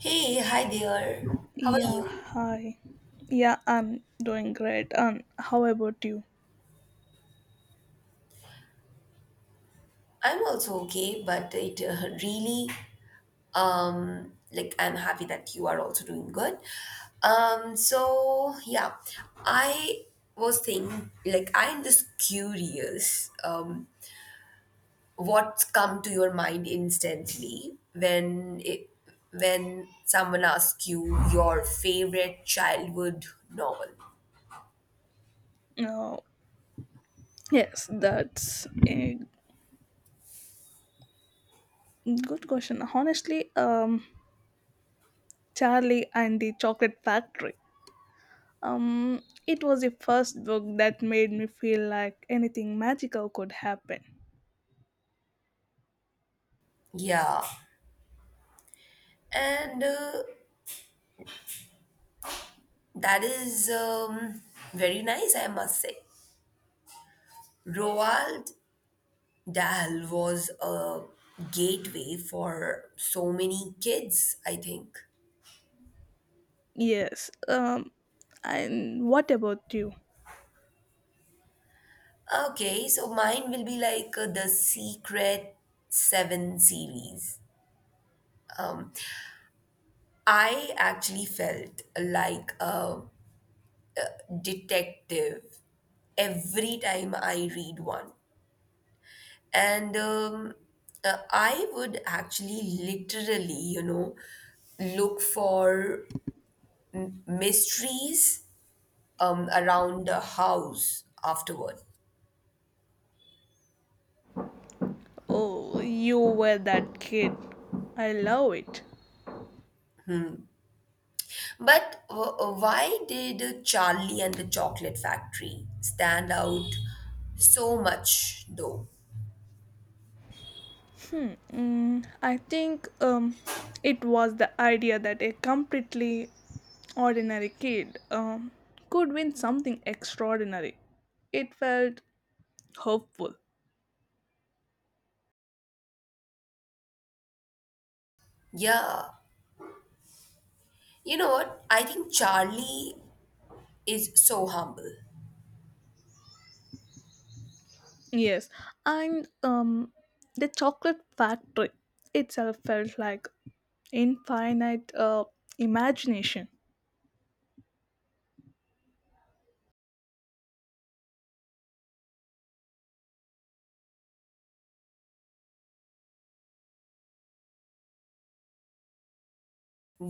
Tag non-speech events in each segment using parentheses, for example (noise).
Hey, hi there. How are Yeah, you? hi. Yeah, I'm doing great. And how about you? I'm also okay, but it really like I'm happy that you are also doing good. So yeah, I was thinking like I'm just curious what's come to your mind instantly when someone asks you your favorite childhood novel. No. Yes, that's a good question. Honestly, Charlie and the Chocolate Factory. Um, it was the first book that made me feel like anything magical could happen. Yeah. And That is Very nice, I must say. Roald Dahl was a gateway for so many kids, I think. Yes. And what about you? Okay, so mine will be the Secret Seven series. I actually felt like a detective every time I read one. And I would actually literally, look for mysteries around the house afterward. Oh, you were that kid. I love it. But why did Charlie and the Chocolate Factory stand out so much, though? I think it was the idea that a completely ordinary kid could win something extraordinary. It felt hopeful. Yeah, you know what? I think Charlie is so humble. Yes, and the chocolate factory itself felt like infinite imagination.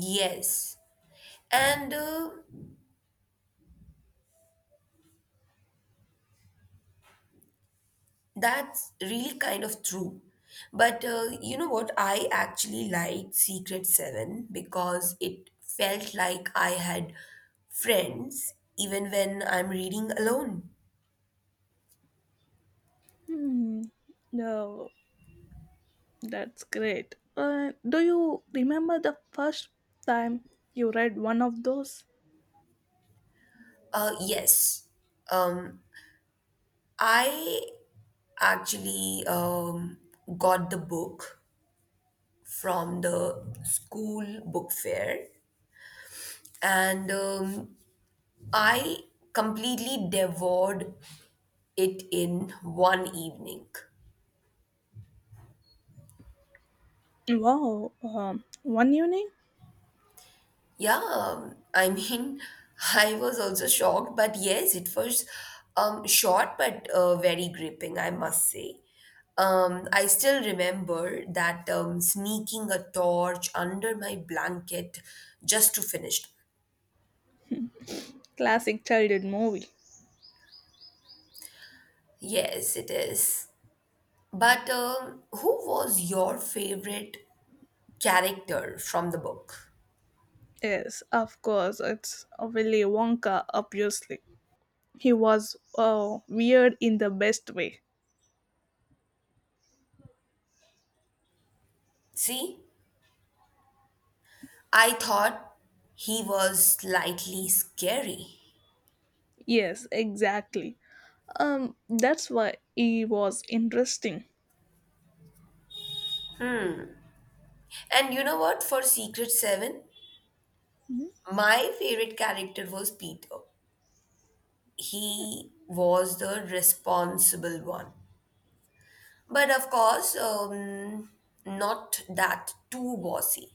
Yes, and That's really kind of true. But You know what? I actually liked Secret Seven because it felt like I had friends even when I'm reading alone. Hmm, no, that's great. Do you remember the first time you read one of those? Yes. Um, I actually got the book from the school book fair and I completely devoured it in one evening. Wow, one unique Yeah, I mean, (laughs) I was also shocked, but yes, it was short but very gripping, I must say. I still remember that sneaking a torch under my blanket just to finish. classic childhood movie. Yes, it is. But who was your favorite character from the book? Yes, of course, it's Willy Wonka, obviously. He was weird in the best way. See, I thought he was slightly scary. Yes, exactly. That's why he was interesting. And you know what? For Secret 7, my favorite character was Peter. He was the responsible one. But of course, not that too bossy.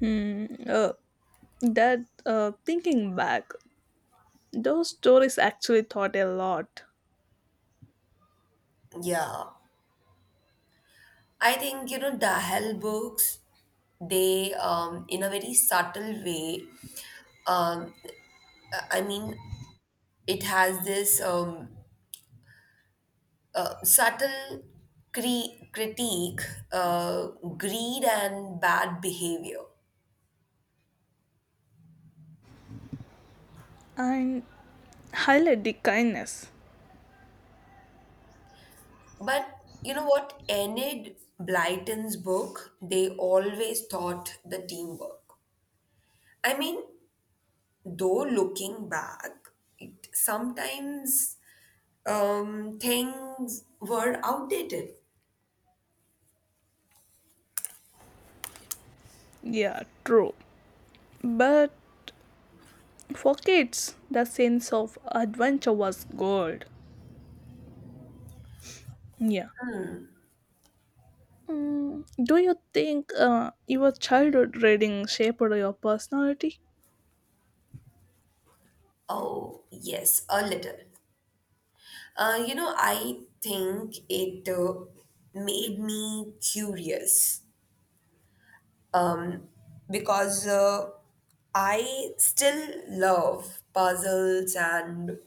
Hmm, uh, that, thinking back, those stories actually taught a lot Yeah. I think, you know, Dahel books, they in a very subtle way, um, I mean, it has this subtle critique, uh, greed, and bad behavior. and highlight the kindness. But you know what? Enid Blyton's book, they always taught the teamwork. I mean, though looking back, it sometimes things were outdated. Yeah, true. But for kids, the sense of adventure was gold. Yeah. Do you think your childhood reading shaped your personality? Oh, yes, a little. You know, I think it made me curious, um, because I still love puzzles and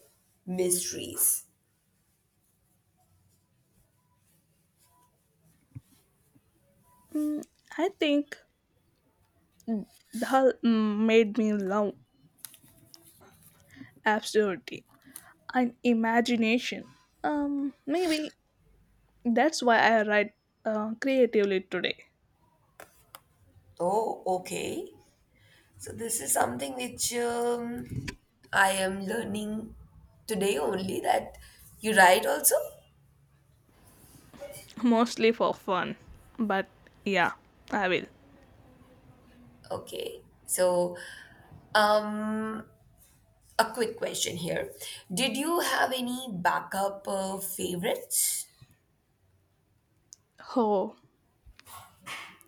mysteries. I think that made me love absurdity and imagination. Maybe that's why I write creatively today, Oh, okay. So this is something which I am learning today only that you write also? (laughs) mostly for fun. But yeah, I will. Okay. Um a quick question here. Did you have any backup favorites? Oh,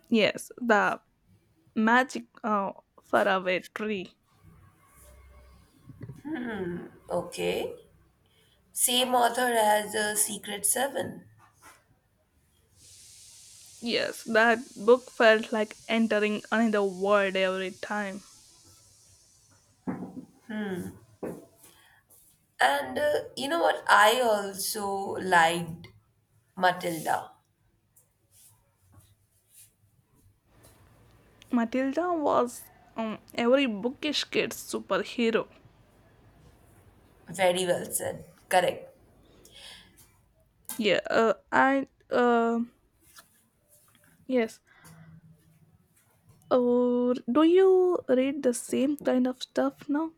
yes, the magic faraway tree. Okay. Same author as Secret 7. Yes, that book felt like entering another world every time. And you know what? I also liked Matilda. Matilda was every bookish kid's superhero. Very well said. Correct. Yeah, and yes. Do you read the same kind of stuff now?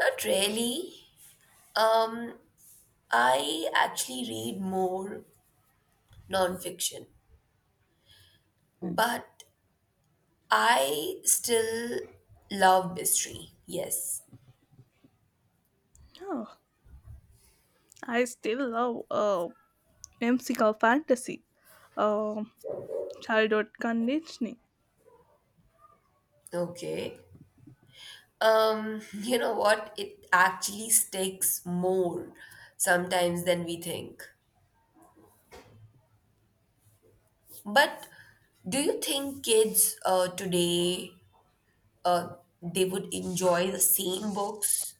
Not really. Um, I actually read more nonfiction, but I still love mystery. Yes. No, I still love whimsical fantasy, uh, childhood conditioning. Okay. (laughs) You know what? It actually sticks more sometimes than we think. But do you think kids today, they would enjoy the same books?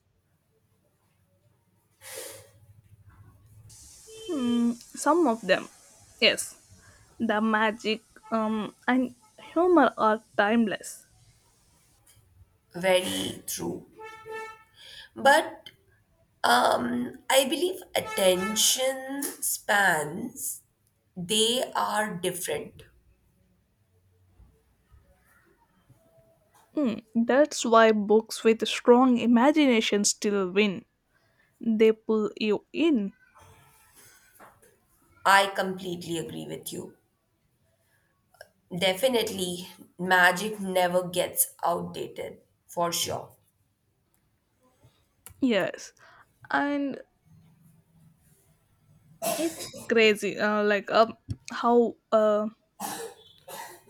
Some of them, yes. The magic and humor are timeless. Very true. But I believe attention spans, they are different. That's why books with strong imagination still win. They pull you in. I completely agree with you. Definitely, magic never gets outdated, for sure. Yes, and it's crazy. How a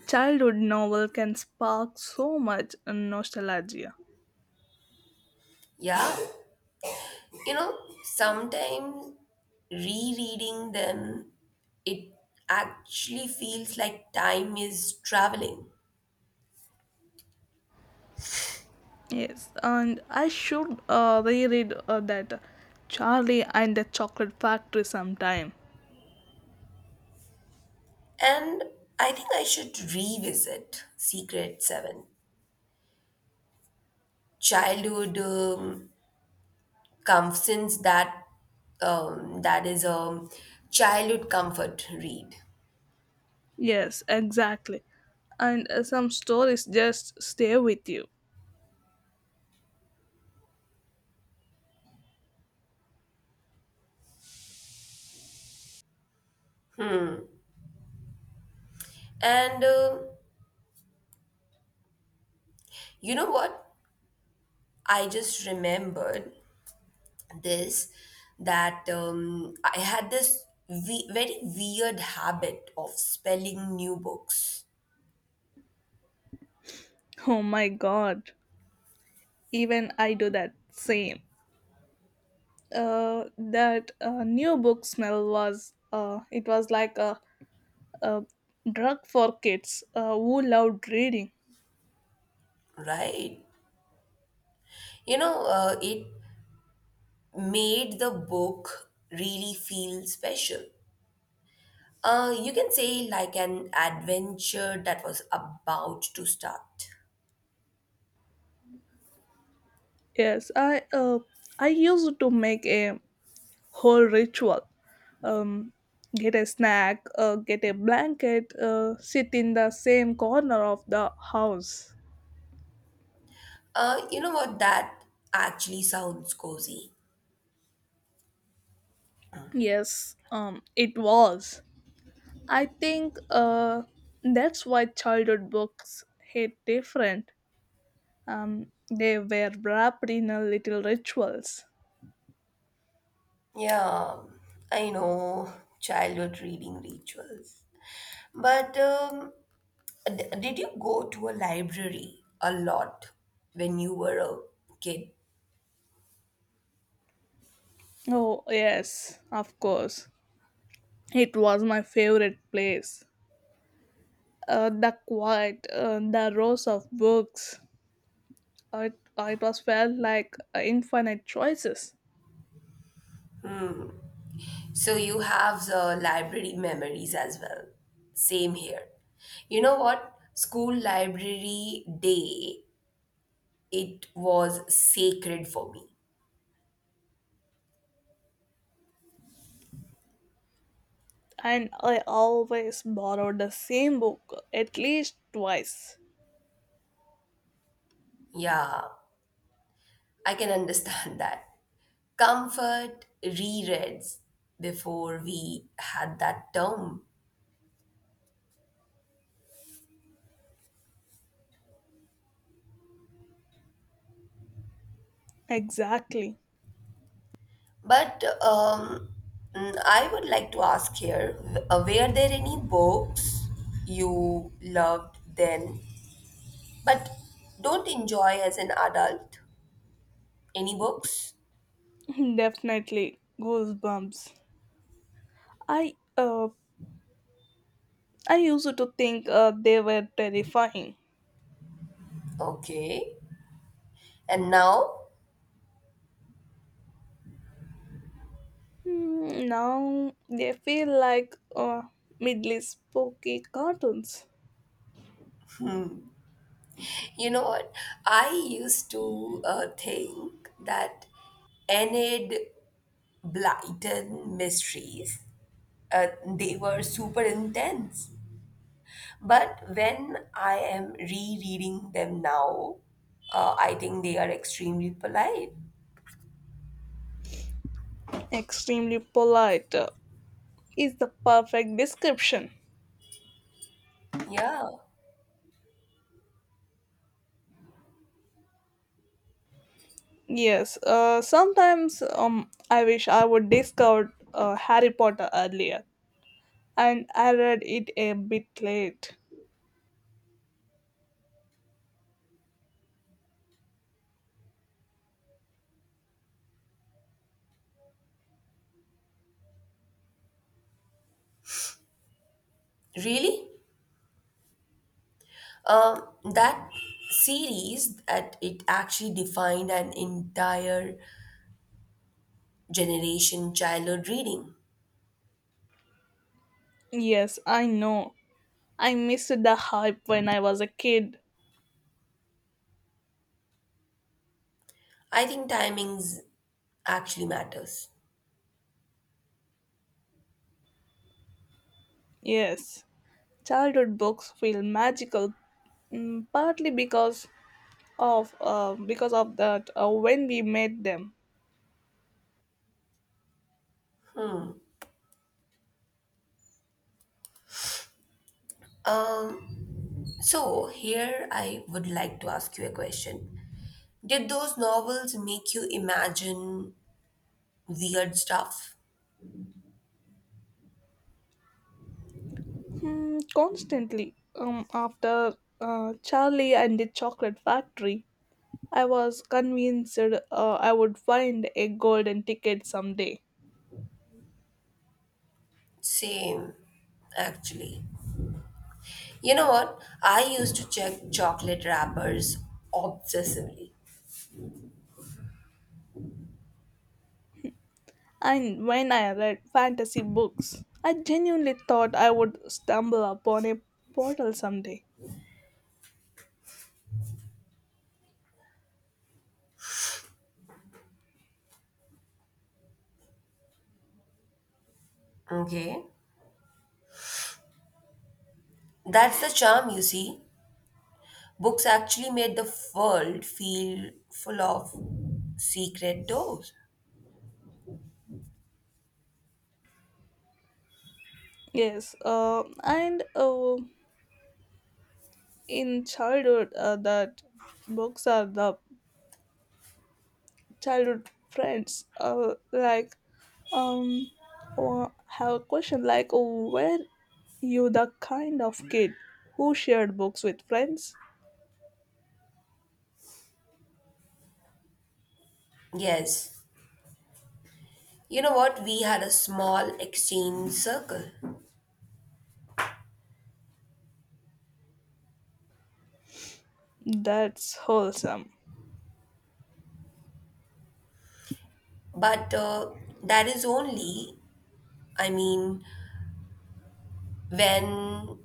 childhood novel can spark so much nostalgia. Yeah, you know, sometimes rereading them, it actually feels like time is traveling. Yes, and I should reread that Charlie and the Chocolate Factory sometime. And I think I should revisit Secret Seven. Childhood um, since that that is a childhood comfort read. Yes, exactly. And some stories just stay with you. And You know what? I just remembered this that I had this very weird habit of spelling new books, Oh my god. Even I do that same, that new book smell was it was like a drug for kids who loved reading. right? You know, it made the book really feel special. You can say like an adventure that was about to start. Yes, I used to make a whole ritual, um, get a snack, get a blanket, sit in the same corner of the house. You know what? That actually sounds cozy. Yes, it was, I think, that's why childhood books hit different. They were wrapped in a little rituals. Yeah, I know childhood reading rituals. But did you go to a library a lot when you were a kid? Oh, yes, of course. It was my favorite place. The quiet, the rows of books. It was felt like infinite choices. So you have the library memories as well. Same here. You know what? School library day, it was sacred for me. And I always borrowed the same book at least twice. Yeah, I can understand (laughs) that. Comfort rereads before we had that term. Exactly. But I would like to ask here, were there any books you loved then, but don't enjoy as an adult? Any books? (laughs) Definitely goosebumps. I uh I used to think they were terrifying. Okay. And now, Now they feel like middle spooky cartoons. you know what? I used to think that Enid Blyton mysteries, they were super intense. But when I am rereading them now, I think they are extremely polite. Extremely polite is the perfect description. Yeah, Yes, sometimes I wish I would discovered Harry Potter earlier, and I read it a bit late. really? That series that it actually defined an entire generation childhood reading. Yes, I know. I missed the hype when I was a kid. I think timings actually matters. Yes, childhood books feel magical, partly because of that when we met them. Um, so here I would like to ask you a question. Did those novels make you imagine weird stuff? Constantly, after Charlie and the Chocolate Factory, I was convinced I would find a golden ticket someday. Same, actually. You know what? I used to check chocolate wrappers obsessively. And when I read fantasy books, I genuinely thought I would stumble upon a portal someday. Okay? That's the charm, you see. Books actually made the world feel full of secret doors. Yes, and in childhood, that books are the childhood friends, um or have a question like, were you the kind of kid who shared books with friends? Yes. You know what? We had a small exchange circle. That's wholesome. But That is only, I mean, when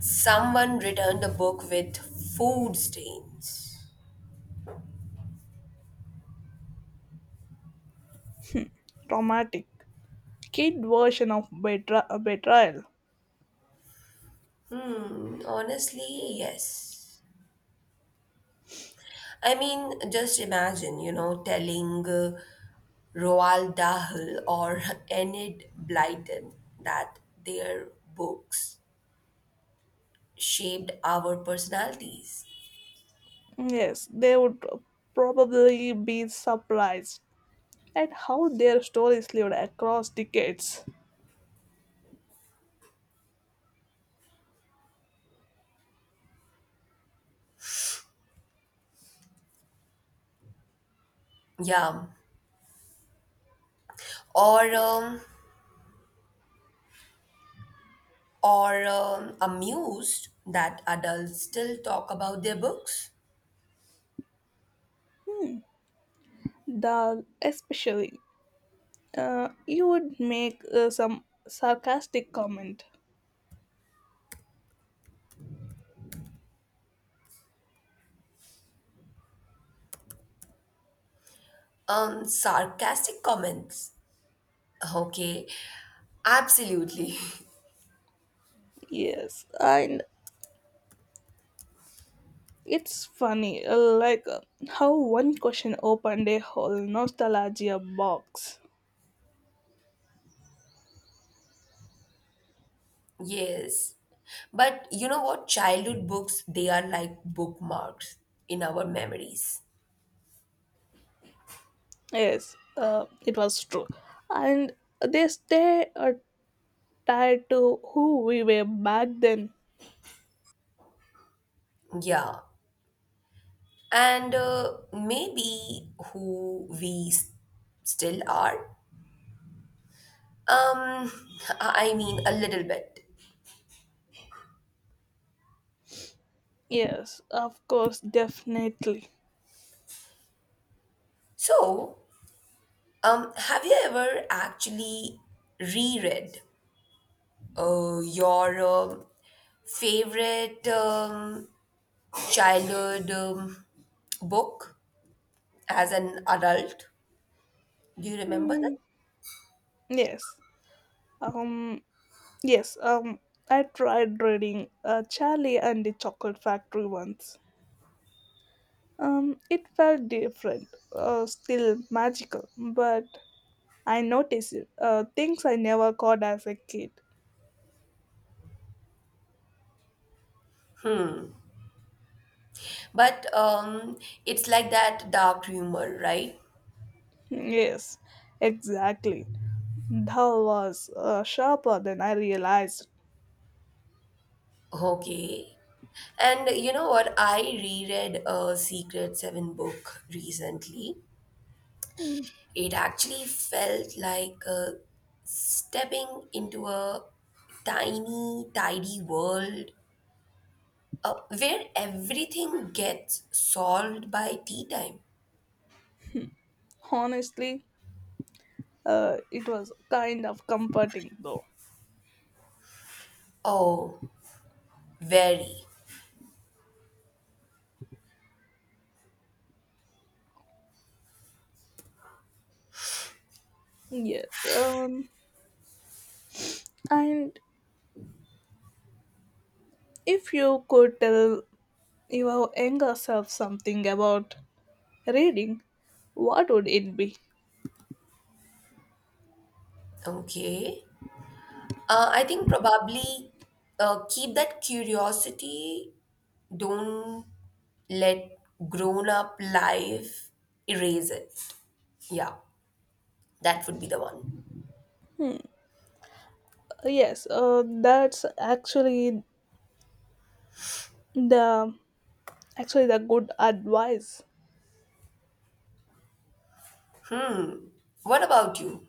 someone returned a book with food stains. Romantic kid version of betrayal. Hmm, honestly, yes. I mean, just imagine, you know, telling Roald Dahl or (laughs) Enid Blyton that their books shaped our personalities. Yes, they would probably be surprised at how their stories lived across decades. Yeah. Or um, or amused that adults still talk about their books. Hmm. The especially, you would make some sarcastic comment. Sarcastic comments. Okay. Absolutely. (laughs) Yes, and it's funny, how one question opened a whole nostalgia box. Yes. But you know what? Childhood books, they are like bookmarks in our memories. Yes, it was true. And they stay tied to who we were back then. Yeah. And Maybe still are. Um, I mean, a little bit. Yes, of course, definitely. So, have you ever actually reread your favorite childhood book as an adult? Do you remember that? Hmm. Yes. Um. Yes. I tried reading Charlie and the Chocolate Factory once. It felt different. Still magical, but I notice things I never caught as a kid. But it's like that dark humor, right? Yes, exactly. Thou was sharper than I realized. Okay. And you know what? I reread a Secret Seven book recently. Hmm. It actually felt like stepping into a tiny, tidy world where everything gets solved by tea time. Honestly, it was kind of comforting though. Oh, very. Yes. And if you could tell your younger self something about reading, what would it be? Okay. I think probably keep that curiosity. Don't let grown up life erase it. Yeah, that would be the one. Yes. That's actually the the good advice. What about you?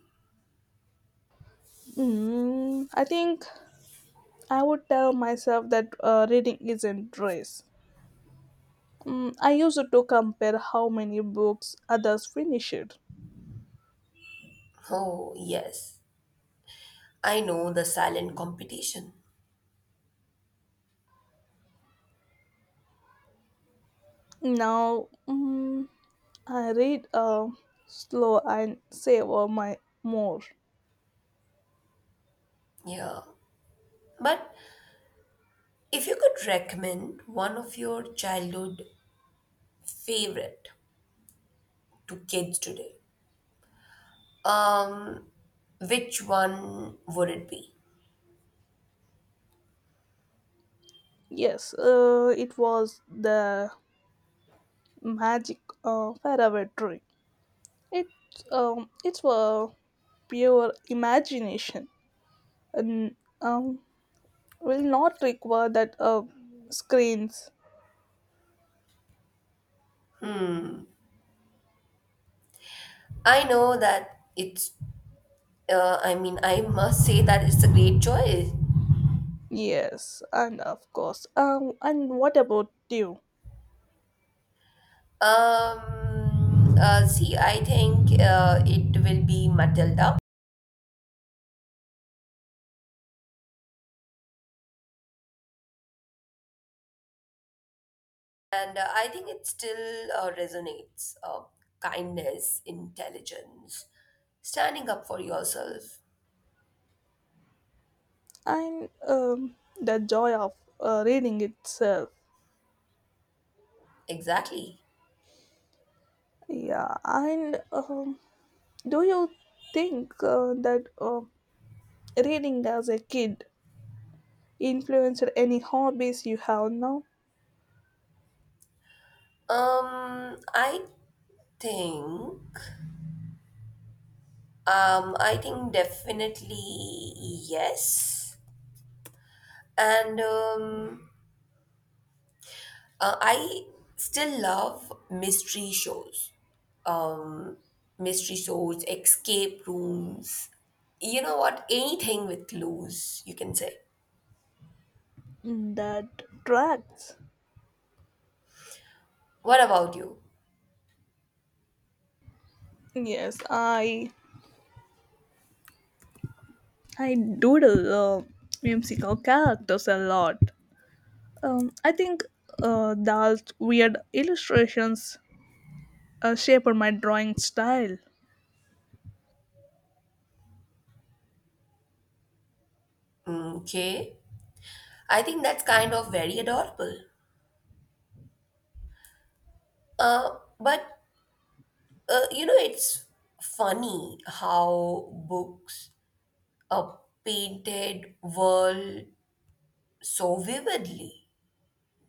I think I would tell myself that reading isn't race. I used to compare how many books others finished. Oh, yes. I know the silent competition. Now, I read slow and savor my more. Yeah. But if you could recommend one of your childhood favorite to kids today, um, which one would it be? Yes, it was the magic faraway tree. It it's was pure imagination and um, will not require that screens. I know that it's I mean, I must say that it's a great choice. Yes, and of course. And what about you? See, I think it will be Matilda, and I think it still resonates. Kindness, intelligence, standing up for yourself. And the joy of reading itself. Exactly. Yeah, and do you think that reading as a kid influenced any hobbies you have now? Um, I think. I think definitely yes, and I still love mystery shows, um, mystery stores, escape rooms. You know what? Anything with clues, you can say. That tracks. What about you? Yes, I doodle uh, whimsical characters a lot. I think those weird illustrations shaped my drawing style. Mm, okay. I think that's kind of very adorable. But you know, it's funny how books uh, painted world so vividly,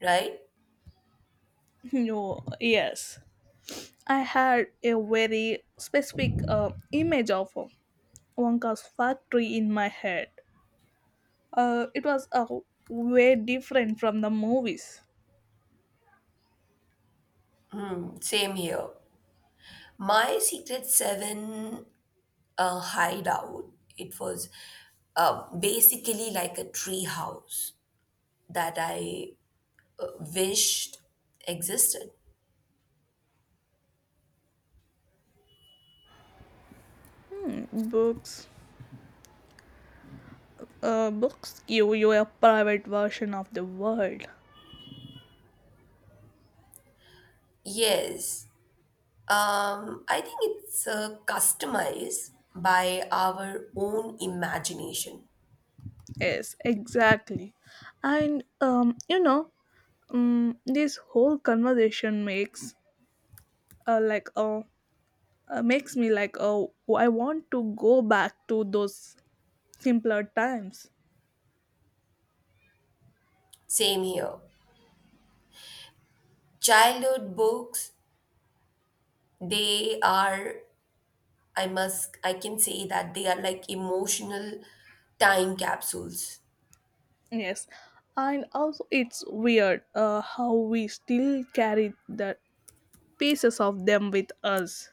right? (laughs) No, yes. I had a very specific image of Wonka's factory in my head. It was way different from the movies. Mm, same here. My Secret Seven a hideout. It was basically like a tree house that I uh, wished existed. Hmm, books. Books give you a private version of the world. Yes, I think it's customized by our own imagination. Yes, exactly. And this whole conversation makes like a makes me like, oh, I want to go back to those simpler times. Same here. Childhood books, they are, I can say that they are like emotional time capsules. Yes, and also it's weird how we still carry the pieces of them with us.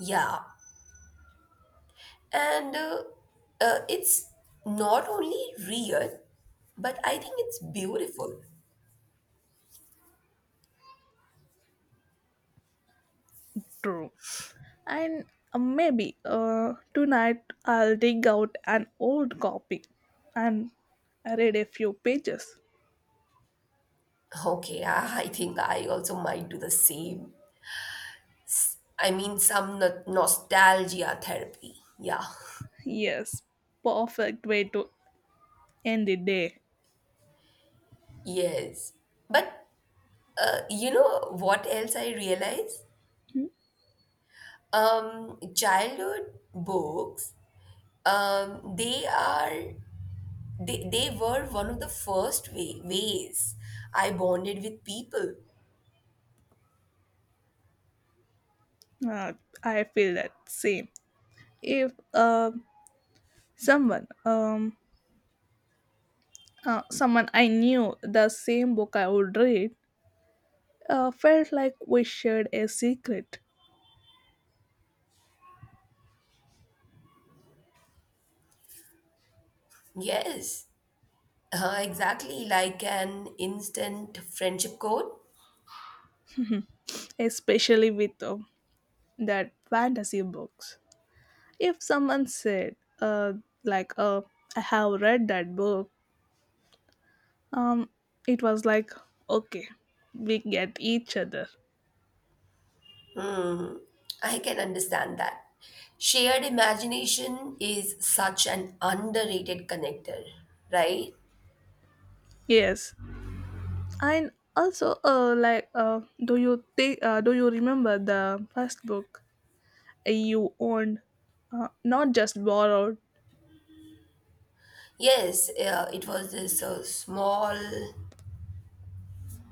Yeah. And it's not only real, but I think it's beautiful. True, and maybe tonight I'll dig out an old copy and read a few pages. Okay, (laughs) I think I also might do the same. I mean, some nostalgia therapy. Yeah. Yes, perfect way to end the day. Yes. But you know what else I realize? Hmm. Childhood books, um, they are they were one of the first ways I bonded with people. uh, I feel that same. If Someone, someone I knew the same book I would read, felt like we shared a secret, Yes. Exactly like an instant friendship code. especially with that fantasy books. If someone said, like, uh, I have read that book, um, it was like, okay, we get each other. Hmm, I can understand that. Shared imagination is such an underrated connector, right? Yes, and also, do you think, do you remember the first book you owned, not just borrowed? Yes, it was this small,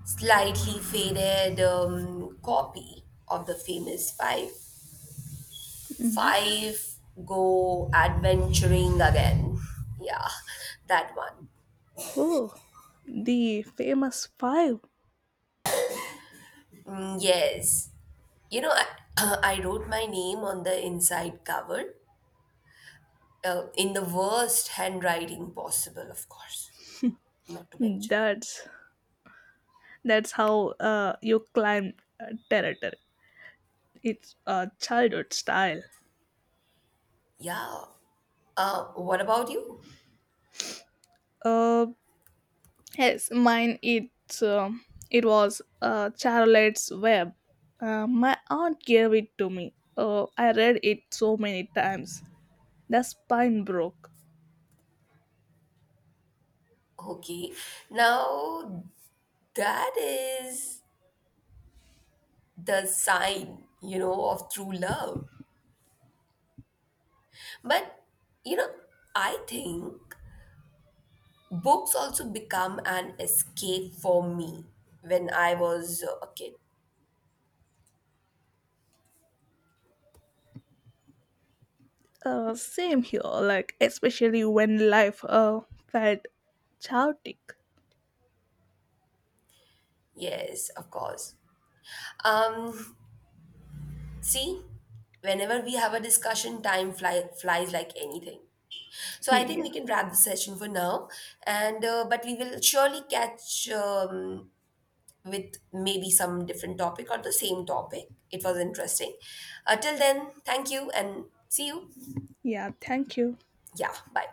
slightly faded copy of the famous five. Mhm. Five go adventuring again. (laughs) Yeah, that one. Oh, the famous five. Mm, yes. You know, (clears throat) I wrote my name on the inside cover in the worst handwriting possible, of course, not to mention. That's that's how you climb territory. It's childhood style. Yeah. What about you? Uh, yes, mine. It was Charlotte's Web. My aunt gave it to me. I read it so many times. The spine broke. Okay. Now, that is the sign, you know, of true love. But, you know, I think books also become an escape for me when I was a kid. Same here. Like especially when life felt chaotic. Yes, of course. Um, See, whenever we have a discussion, flies like anything. So I think Yeah. we can wrap the session for now, and but we will surely catch with maybe some different topic or the same topic. It was interesting. Till then, thank you and see you. Yeah. Thank you. Yeah, bye.